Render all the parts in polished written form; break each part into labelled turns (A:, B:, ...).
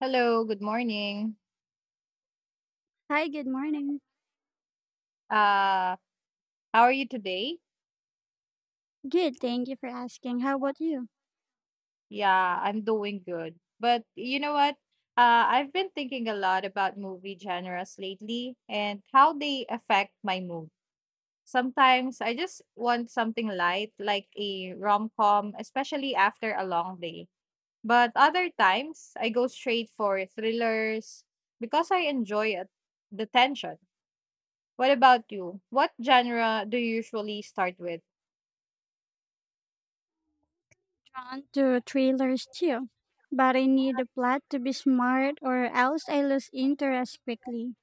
A: Hello, good morning.
B: Hi, good morning.
A: Uh, how are you today?
B: Good, thank you for asking. How about you?
A: Yeah, I'm doing good. But you know what? I've been thinking a lot about movie genres lately and how they affect my mood. Sometimes I just want something light, like a rom-com, especially after a long day. But other times I go straight for thrillers because I enjoy it, the tension. What about you? What genre do you usually start with?
B: Drawn to trailers too, but I need the plot to be smart or else I lose interest quickly.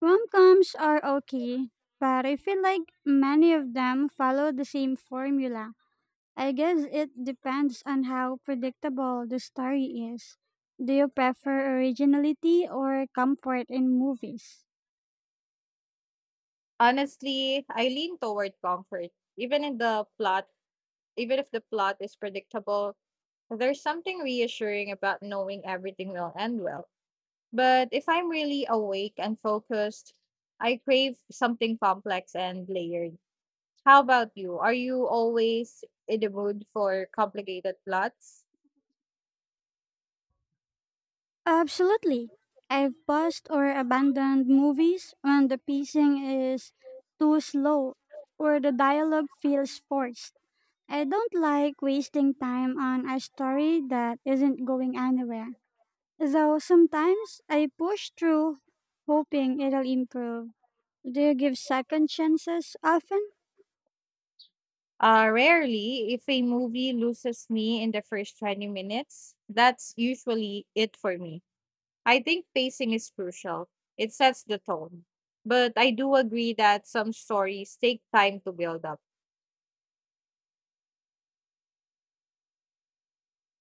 B: Rom-coms are okay, but I feel like many of them follow the same formula. I guess it depends on how predictable the story is. Do you prefer originality or comfort in movies?
A: Honestly, I lean toward comfort. Even in the plot, Even if the plot is predictable, there's something reassuring about knowing everything will end well. But if I'm really awake and focused, I crave something complex and layered. How about you? Are you always in the mood for complicated plots?
B: Absolutely. I've paused or abandoned movies when the pacing is too slow or the dialogue feels forced. I don't like wasting time on a story that isn't going anywhere. Though sometimes I push through hoping it'll improve. Do you give second chances often?
A: Rarely, if a movie loses me in the first 20 minutes, that's usually it for me. I think pacing is crucial. It sets the tone. But I do agree that some stories take time to build up.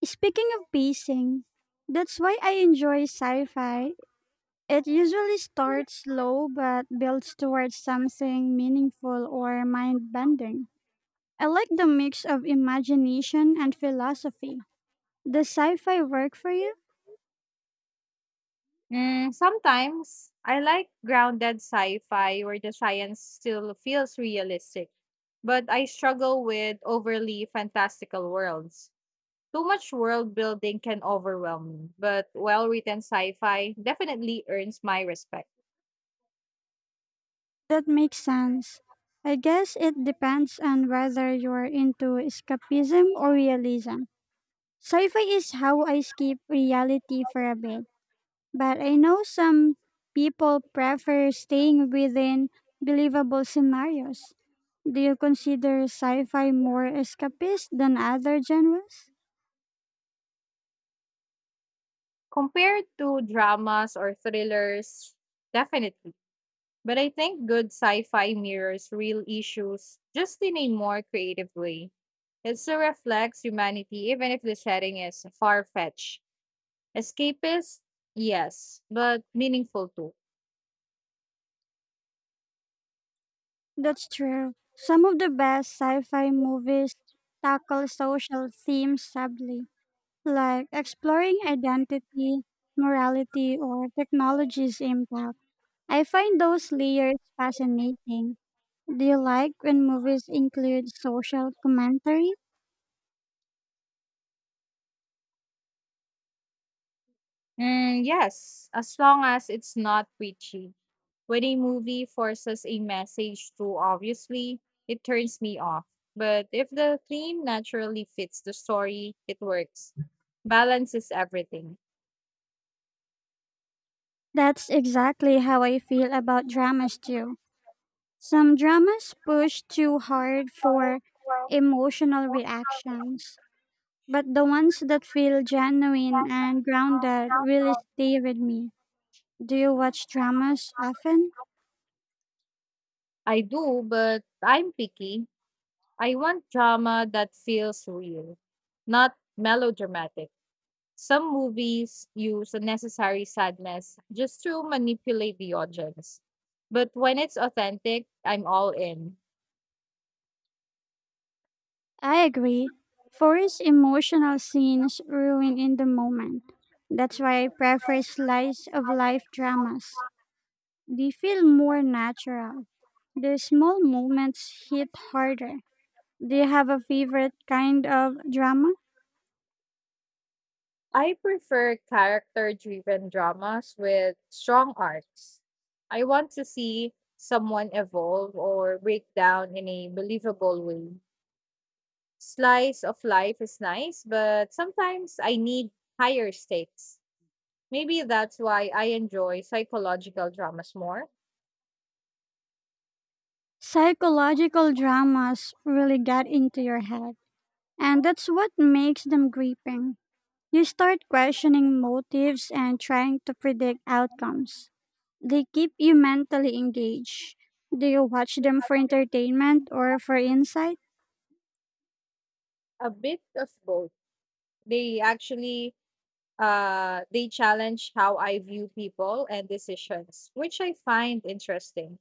B: Speaking of pacing, that's why I enjoy sci fi. It usually starts slow but builds towards something meaningful or mind bending. I like the mix of imagination and philosophy. Does sci fi work for you?
A: Mm, sometimes I like grounded sci fi where the science still feels realistic, but I struggle with overly fantastical worlds. Too much world building can overwhelm me, but well written sci fi definitely earns my respect.
B: That makes sense. I guess it depends on whether you're into escapism or realism. Sci fi is how I escape reality for a bit. But I know some people prefer staying within believable scenarios. Do you consider sci fi more escapist than other genres?
A: Compared to dramas or thrillers, definitely. But I think good sci fi mirrors real issues just in a more creative way. It still reflects humanity, even if the setting is far fetched. Escapist, yes, but meaningful too.
B: That's true. Some of the best sci fi movies tackle social themes subtly, like exploring identity, morality, or technology's impact. I find those layers fascinating. Do you like when movies include social commentary?
A: Mm, yes, as long as it's not preachy. When a movie forces a message too obviously, it turns me off. But if the theme naturally fits the story, it works. Balance is everything.
B: That's exactly how I feel about dramas too. Some dramas push too hard for emotional reactions, but the ones that feel genuine and grounded really stay with me. Do you watch dramas often?
A: I do, but I'm picky. I want drama that feels real, not melodramatic. Some movies use unnecessary sadness just to manipulate the audience. But when it's authentic, I'm all in.
B: I agree. Forced emotional scenes ruin in the moment. That's why I prefer slice of life dramas. They feel more natural. The small moments hit harder. Do you have a favorite kind of drama?
A: I prefer character driven dramas with strong arcs. I want to see someone evolve or break down in a believable way. Slice of life is nice, but sometimes I need higher stakes. Maybe that's why I enjoy psychological dramas more.
B: Psychological dramas really get into your head, and that's what makes them gripping. You start questioning motives and trying to predict outcomes. They keep you mentally engaged. Do you watch them for entertainment or for insight?
A: A bit of both. They actually they challenge how I view people and decisions, which I find interesting.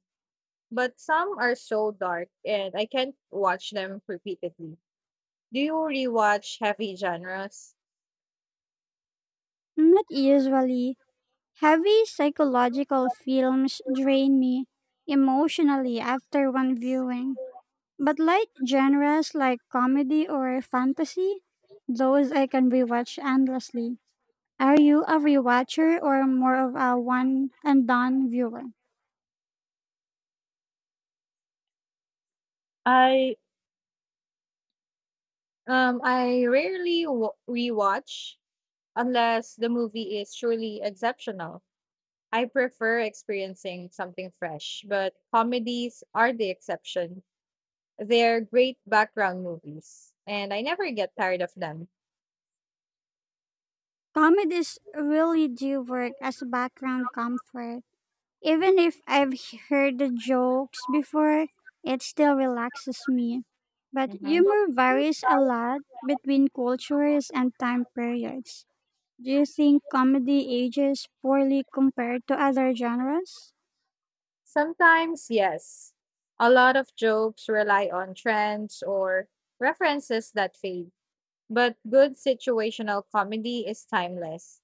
A: But some are so dark and I can't watch them repeatedly. Do you rewatch heavy genres?
B: Not usually. Heavy psychological films drain me emotionally after one viewing. But light genres like comedy or fantasy, those I can rewatch endlessly. Are you a rewatcher or more of a one and done viewer?
A: I I rarely rewatch unless the movie is truly exceptional. I prefer experiencing something fresh, but comedies are the exception. They're great background movies, and I never get tired of them.
B: Comedies really do work as background comfort. Even if I've heard the jokes before, it still relaxes me. But
A: Mhm.
B: humor varies a lot between cultures and time periods. Do you think comedy ages poorly compared to other genres?
A: Sometimes, yes. A lot of jokes rely on trends or references that fade, but good situational comedy is timeless.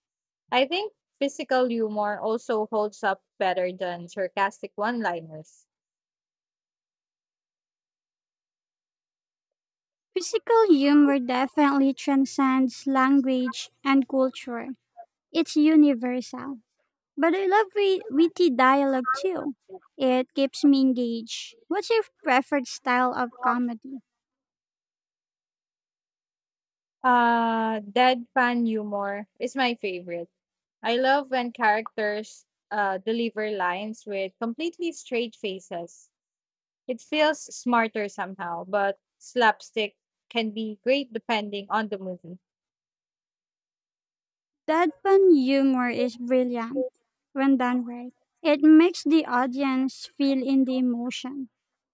A: I think physical humor also holds up better than sarcastic one liners.
B: Physical humor definitely transcends language and culture. It's universal. But I love witty dialogue too. It keeps me engaged. What's your preferred style of comedy?
A: Deadpan humor is my favorite. I love when characters deliver lines with completely straight faces. It feels smarter somehow, but slapstick can be great depending on the movie.
B: Deadpan humor is brilliant when done right. It makes the audience feel in the emotion,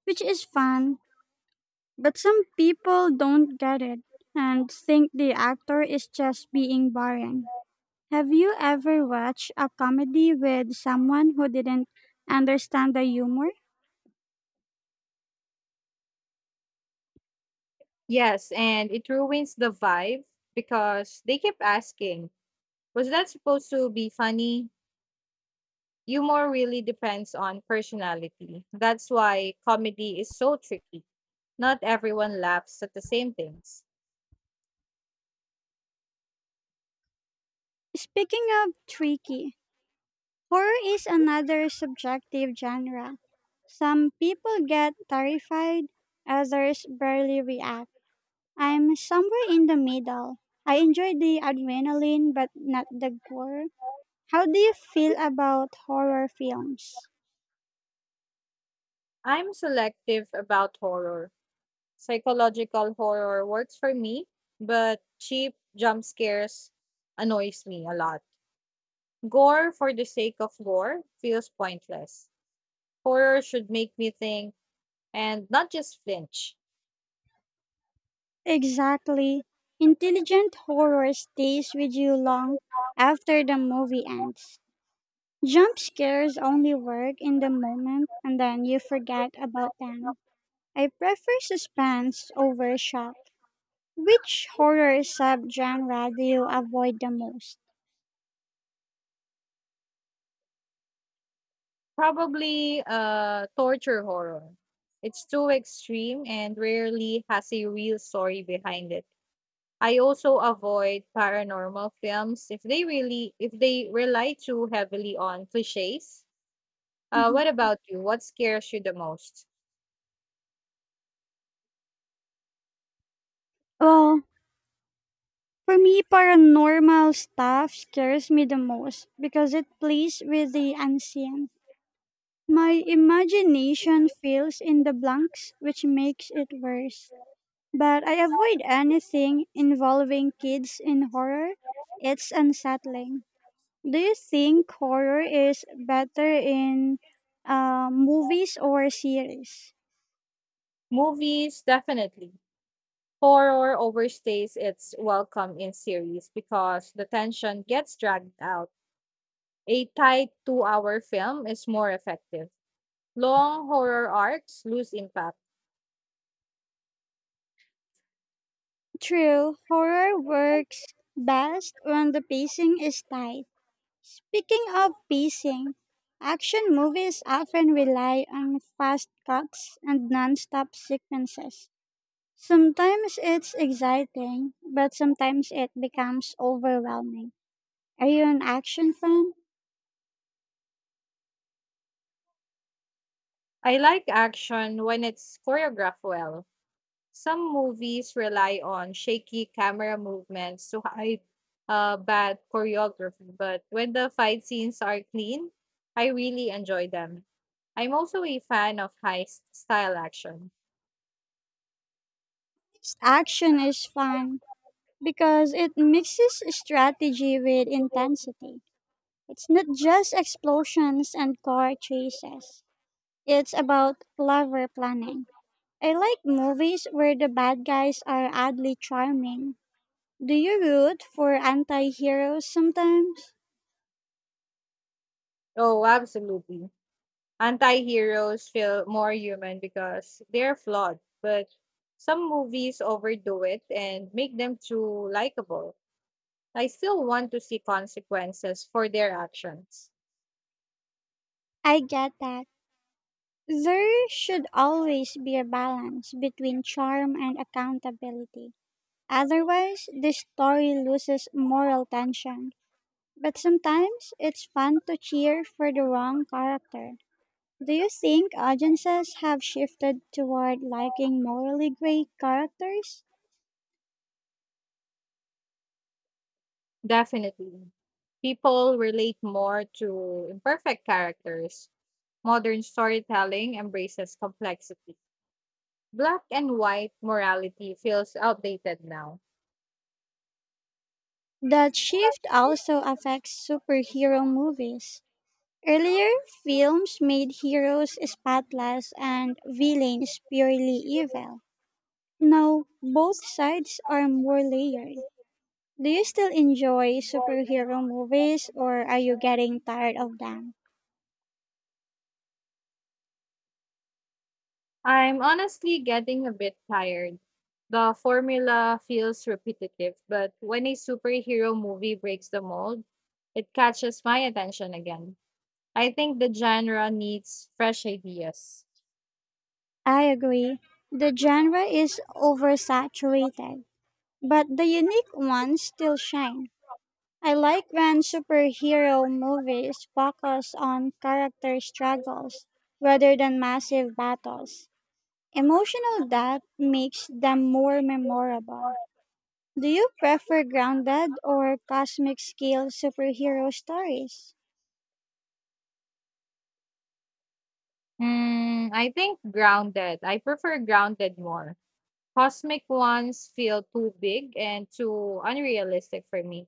B: which is fun. But some people don't get it and think the actor is just being boring. Have you ever watched a comedy with someone who didn't understand the humor?
A: Yes, and it ruins the vibe because they keep asking, was that supposed to be funny? Humor really depends on personality. That's why comedy is so tricky. Not everyone laughs at the same things.
B: Speaking of tricky, horror is another subjective genre. Some people get terrified, others barely react. I'm somewhere in the middle. I enjoy the adrenaline but not the gore. How do you feel about horror films?
A: I'm selective about horror. Psychological horror works for me, but cheap jump scares annoys me a lot. Gore for the sake of gore feels pointless. Horror should make me think and not just flinch.
B: Exactly. Intelligent horror stays with you long after the movie ends. Jump scares only work in the moment and then you forget about them. I prefer suspense over shock. Which horror subgenre do you avoid the most?
A: Probably torture horror. It's too extreme and rarely has a real story behind it. I also avoid paranormal films if they rely too heavily on cliches. What
B: Mhm.
A: about you? What scares you the most?
B: Well, for me, paranormal stuff scares me the most because it plays with the unseen. My imagination fills in the blanks, which makes it worse. But I avoid anything involving kids in horror. It's unsettling. Do you think horror is better in movies or series?
A: Movies definitely. Horror overstays its welcome in series because the tension gets dragged out. A tight 2-hour film is more effective. Long horror arcs lose impact.
B: True, horror works best when the pacing is tight. Speaking of pacing, action movies often rely on fast cuts and non-stop sequences. Sometimes it's exciting, but sometimes it becomes overwhelming. Are you an action fan?
A: I like action when it's choreographed well. Some movies rely on shaky camera movements to hide bad choreography, but when the fight scenes are clean, I really enjoy them. I'm also a fan of heist style action.
B: Action is fun, because it mixes strategy with intensity. It's not just explosions and car chases, it's about clever planning. I like movies where the bad guys are oddly charming. Do you root for anti heroes sometimes?
A: Oh, absolutely. Anti heroes feel more human because they're flawed, but some movies overdo it and make them too likable. I still want to see consequences for their actions.
B: I get that. There should always be a balance between charm and accountability. Otherwise, the story loses moral tension. But sometimes it's fun to cheer for the wrong character. Do you think audiences have shifted toward liking morally gray characters?
A: Definitely. People relate more to imperfect characters. Modern storytelling embraces complexity. Black and white morality feels outdated now.
B: That shift also affects superhero movies. Earlier, films made heroes spotless and villains purely evil. Now, both sides are more layered. Do you still enjoy superhero movies or are you getting tired of them?
A: I'm honestly getting a bit tired. The formula feels repetitive, but when a superhero movie breaks the mold, it catches my attention again. I think the genre needs fresh ideas.
B: I agree. The genre is oversaturated, but the unique ones still shine. I like when superhero movies focus on character struggles rather than massive battles. Emotional depth makes them more memorable. Do you prefer grounded or cosmic scale superhero stories?
A: Mm, I think grounded. I prefer grounded more. Cosmic ones feel too big and too unrealistic for me.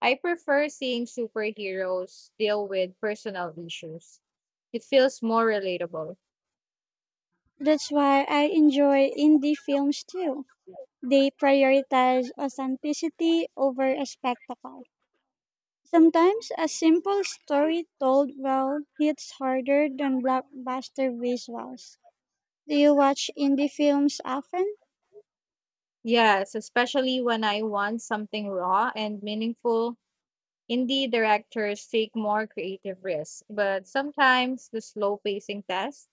A: I prefer seeing superheroes deal with personal issues. It feels more relatable.
B: That's why I enjoy indie films too. They prioritize authenticity over a spectacle. Sometimes a simple story told well hits harder than blockbuster visuals. Do you watch indie films often?
A: Yes, especially when I want something raw and meaningful. Indie directors take more creative risks, but sometimes the slow pacing tests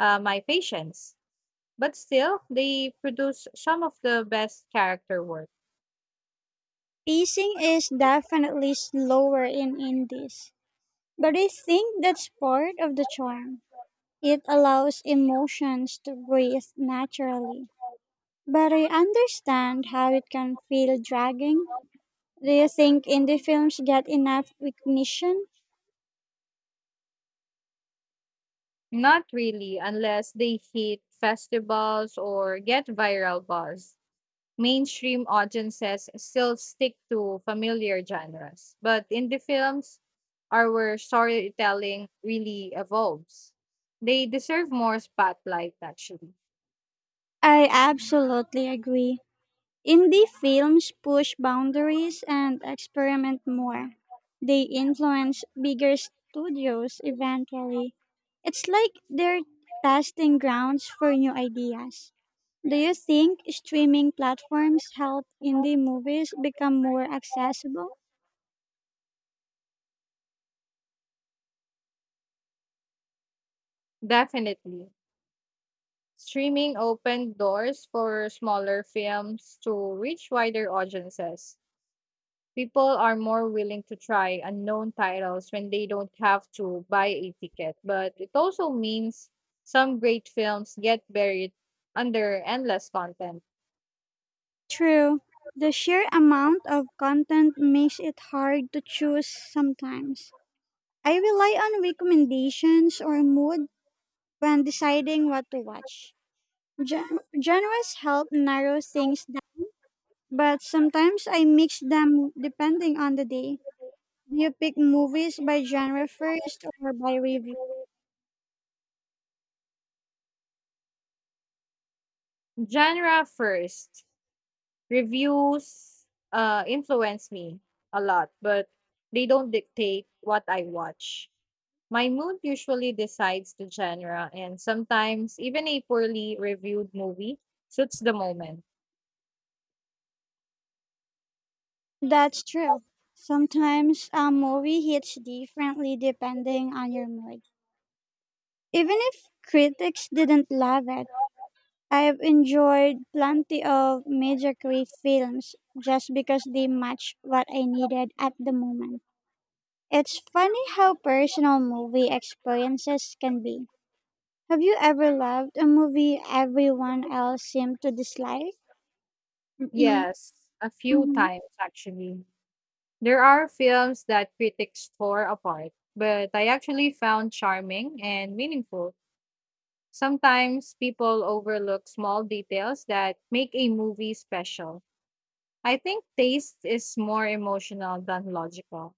A: my patience. But still, they produce some of the best character work.
B: Pacing is definitely slower in indies, but I think that's part of the charm. It allows emotions to breathe naturally. But I understand how it can feel dragging. Do you think indie films get enough recognition?
A: Not really, unless they hit festivals or get viral buzz. Mainstream audiences still stick to familiar genres, but indie the films, our storytelling really evolves. They deserve more spotlight, actually.
B: I absolutely agree. Indie films push boundaries and experiment more. They influence bigger studios eventually. It's like they're testing grounds for new ideas. Do you think streaming platforms help indie movies become more accessible?
A: Definitely. Streaming opened doors for smaller films to reach wider audiences. People are more willing to try unknown titles when they don't have to buy a ticket, but it also means some great films get buried under endless content.
B: True. The sheer amount of content makes it hard to choose sometimes. I rely on recommendations or mood when deciding what to watch. Genres help narrow things down, but sometimes I mix them depending on the day. Do you pick movies by genre first or by review?
A: Genre first, reviews influence me a lot, but they don't dictate what I watch. My mood usually decides the genre, and sometimes even a poorly reviewed movie suits the moment.
B: That's true. Sometimes a movie hits differently depending on your mood. Even if critics didn't love it, I've enjoyed plenty of mediocre films just because they match what I needed at the moment. It's funny how personal movie experiences can be. Have you ever loved a movie everyone else seemed to dislike? E-
A: Yes, a few
B: mhm.
A: times actually. There are films that critics tore apart, but I actually found charming and meaningful. Sometimes people overlook small details that make a movie special. I think taste is more emotional than logical.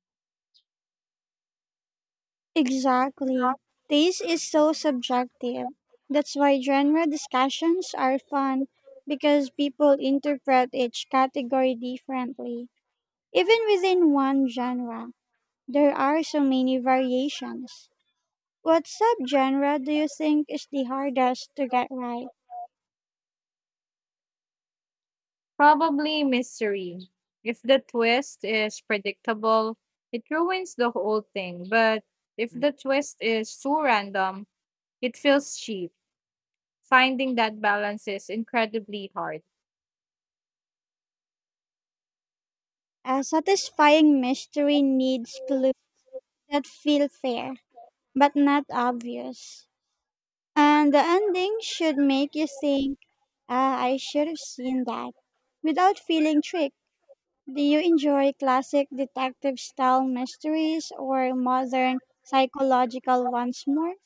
B: Exactly. Taste is so subjective. That's why genre discussions are fun because people interpret each category differently. Even within one genre, there are so many variations. What subgenre do you think is the hardest to get right?
A: Probably mystery. If the twist is predictable, it ruins the whole thing, but if the twist is too random, it feels cheap. Finding that balance is incredibly hard.
B: A satisfying mystery needs clues that feel fair, but not obvious. And the ending should make you think, ah, I should have seen that, without feeling tricked. Do you enjoy classic detective style mysteries or modern psychological ones more?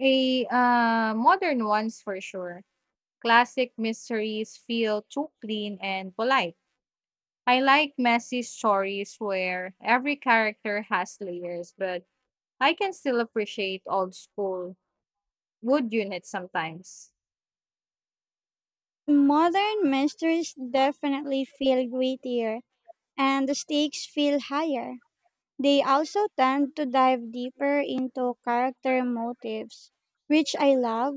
A: Modern ones for sure. Classic mysteries feel too clean and polite. I like messy stories where every character has layers, but I can still appreciate old school wood units sometimes.
B: Modern mysteries definitely feel grittier, and the stakes feel higher. They also tend to dive deeper into character motives, which I love,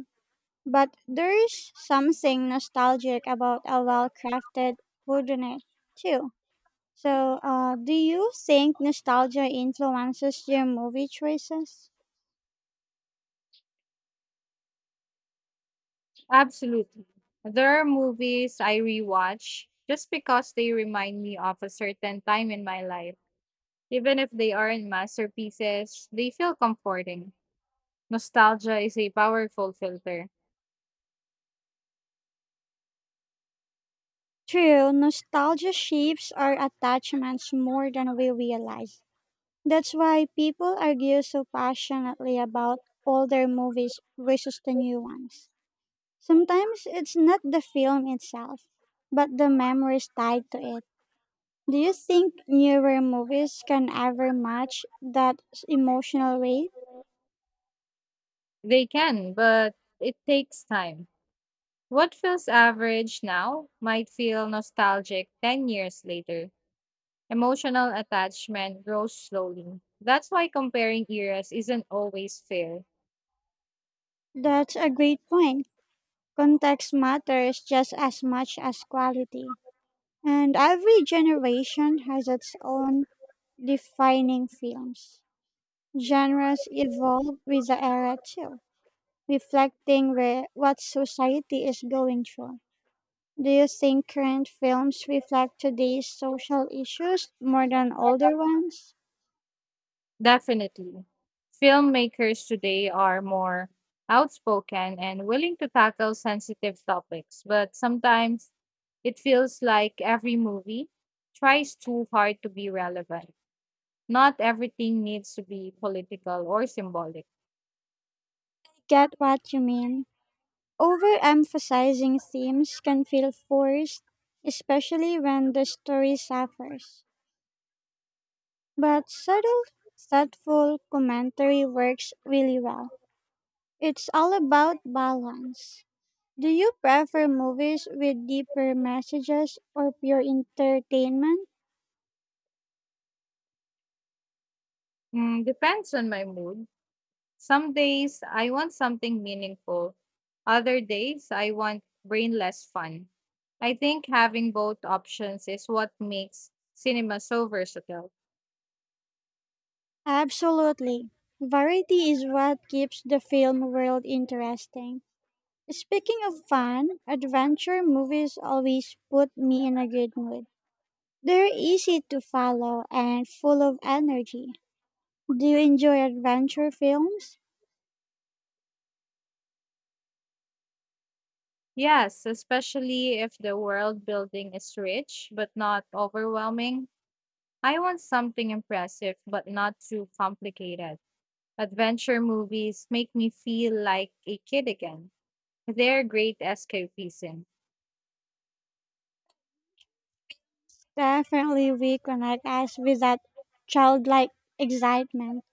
B: but there is something nostalgic about a well crafted whodunit, too. So, do you think nostalgia influences your movie choices?
A: Absolutely. There are movies I rewatch just because they remind me of a certain time in my life. Even if they aren't masterpieces, they feel comforting. Nostalgia is a powerful filter.
B: True, nostalgia shapes our attachments more than we realize. That's why people argue so passionately about older movies versus the new ones. Sometimes it's not the film itself, but the memories tied to it. Do you think newer movies can ever match that emotional weight?
A: They can, but it takes time. What feels average now might feel nostalgic 10 years later. Emotional attachment grows slowly. That's why comparing eras isn't always fair.
B: That's a great point. Context matters just as much as quality. And every generation has its own defining films. Genres evolve with the era too, reflecting what society is going through. Do you think current films reflect today's social issues more than older ones?
A: Definitely. Filmmakers today are more outspoken and willing to tackle sensitive topics, but sometimes it feels like every movie tries too hard to be relevant. Not everything needs to be political or symbolic.
B: Get what you mean. Overemphasizing themes can feel forced, especially when the story suffers. But subtle, thoughtful commentary works really well. It's all about balance. Do you prefer movies with deeper messages or pure entertainment?
A: Mm, depends on my mood. Some days I want something meaningful, other days I want brainless fun. I think having both options is what makes cinema so versatile.
B: Absolutely. Variety is what keeps the film world interesting. Speaking of fun, adventure movies always put me in a good mood. They're easy to follow and full of energy. Do you enjoy adventure films?
A: Yes, especially if the world building is rich but not overwhelming. I want something impressive but not too complicated. Adventure movies make me feel like a kid again. They're great escapism.
B: Definitely reconnect us with that childlike excitement.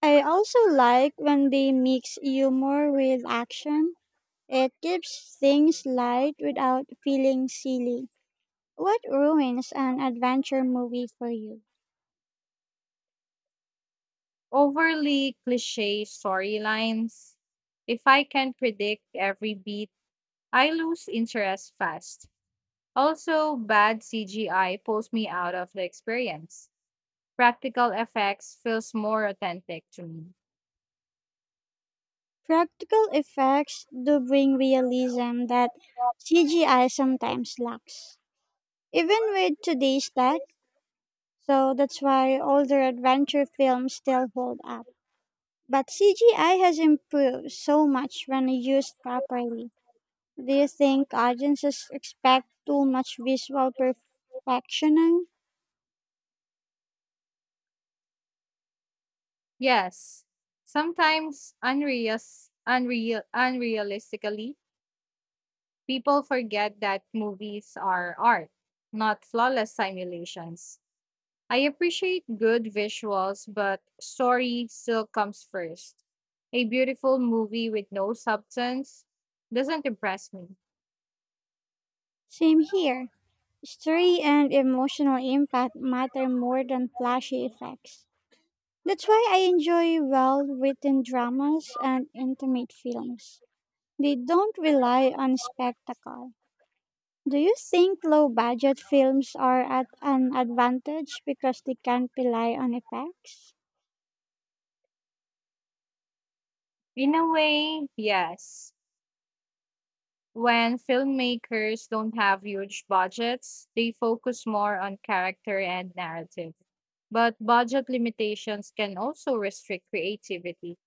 B: I also like when they mix humor with action. It keeps things light without feeling silly. What ruins an adventure movie for you?
A: Overly cliche storylines. If I can predict every beat, I lose interest fast. Also, bad CGI pulls me out of the experience. Practical effects feels more authentic to me.
B: Practical effects do bring realism that CGI sometimes lacks, even with today's tech. So that's why older adventure films still hold up. But CGI has improved so much when used properly. Do you think audiences expect too much visual perfection?
A: Yes, sometimes unrealistically, people forget that movies are art, not flawless simulations. I appreciate good visuals, but story still comes first. A beautiful movie with no substance doesn't impress me.
B: Same here. Story and emotional impact matter more than flashy effects. That's why I enjoy well written dramas and intimate films. They don't rely on spectacle. Do you think low budget films are at an advantage because they can't rely on effects?
A: In a way, yes. When filmmakers don't have huge budgets, they focus more on character and narrative. But budget limitations can also restrict creativity.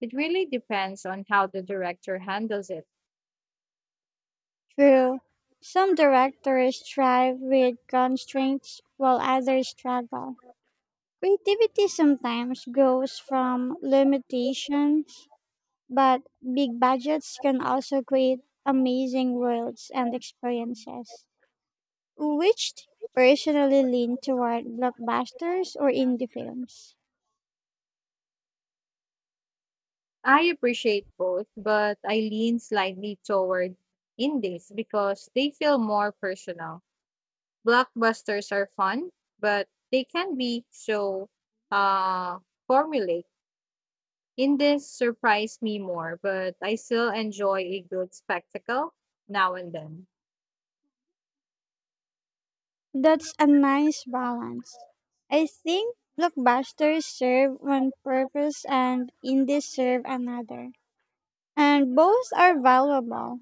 A: It really depends on how the director handles it.
B: True. Some directors thrive with constraints while others struggle. Creativity sometimes goes from limitations, but big budgets can also create amazing worlds and experiences. Which do you personally lean toward blockbusters or indie films?
A: I appreciate both, but I lean slightly toward indies because they feel more personal. Blockbusters are fun, but they can be so uh formulaic. Indies surprise me more, but I still enjoy a good spectacle now and then.
B: That's a nice balance. I think blockbusters serve one purpose and indies serve another. And both are valuable,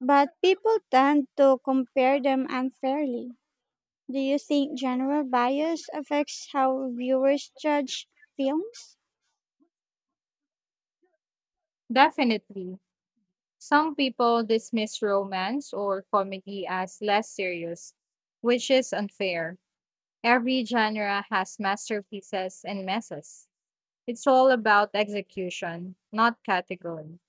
B: but people tend to compare them unfairly. Do you think general bias affects how viewers judge films?
A: Definitely. Some people dismiss romance or comedy as less serious, which is unfair. Every genre has masterpieces and messes. It's all about execution, not category.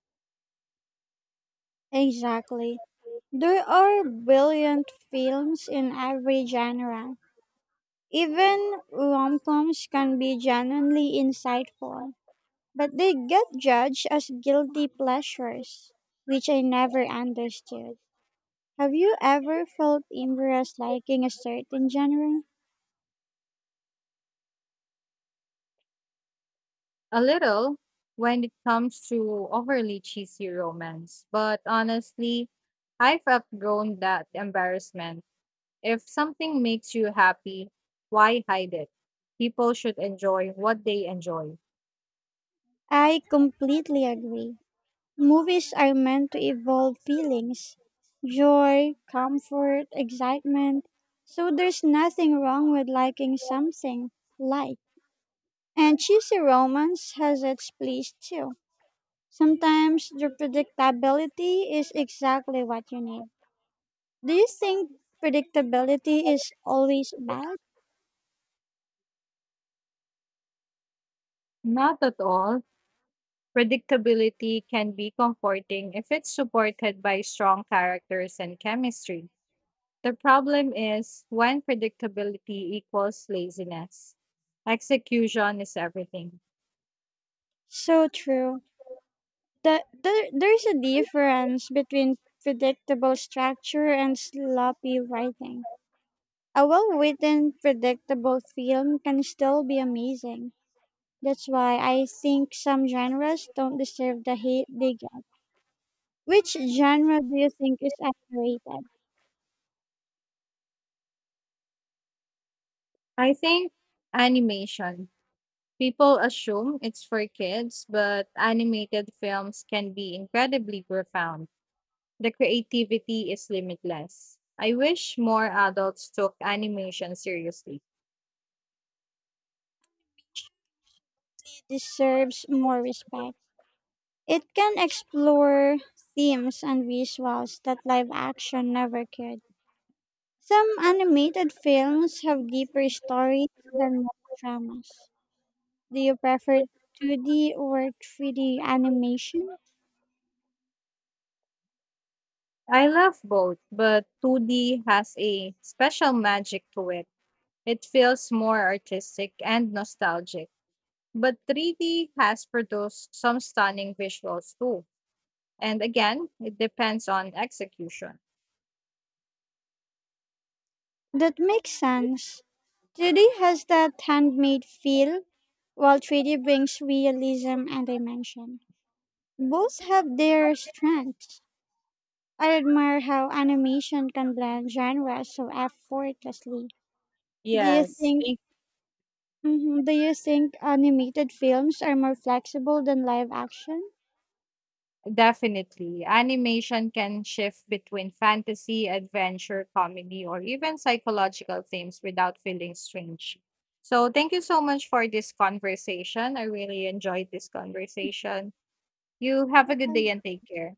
B: Exactly. There are brilliant films in every genre. Even rom coms can be genuinely insightful, but they get judged as guilty pleasures, which I never understood. Have you ever felt embarrassed liking a certain genre?
A: A little when it comes to overly cheesy romance, but honestly, I've outgrown that embarrassment. If something makes you happy, why hide it? People should enjoy what they enjoy.
B: I completely agree. Movies are meant to evoke feelings: joy, comfort, excitement. So there's nothing wrong with liking something light. And cheesy romance has its place too. Sometimes the predictability is exactly what you need. Do you think predictability is always bad?
A: Not at all. Predictability can be comforting if it's supported by strong characters and chemistry. The problem is when predictability equals laziness. Execution is everything.
B: So true. There's a difference between predictable structure and sloppy writing. A well written, predictable film can still be amazing. That's why I think some genres don't deserve the hate they get. Which genre do you think is underrated?
A: I think animation. People assume it's for kids, but animated films can be incredibly profound. The creativity is limitless. I wish more adults took animation seriously.
B: It deserves more respect. It can explore themes and visuals that live action never could. Some animated films have deeper stories than most dramas. Do you prefer 2D or 3D animation?
A: I love both, but 2D has a special magic to it. It feels more artistic and nostalgic. But 3D has produced some stunning visuals too. And again, it depends on execution.
B: That makes sense. 2D has that handmade feel, while 3D brings realism and dimension. Both have their strengths. I admire how animation can blend genres so effortlessly. Do you
A: Yes,
B: think
A: thank
B: Mhm. Do you think animated films are more flexible than live action?
A: Definitely. Animation can shift between fantasy, adventure, comedy, or even psychological themes without feeling strange. So, thank you so much for this conversation. I really enjoyed this conversation. You have a good day and take care.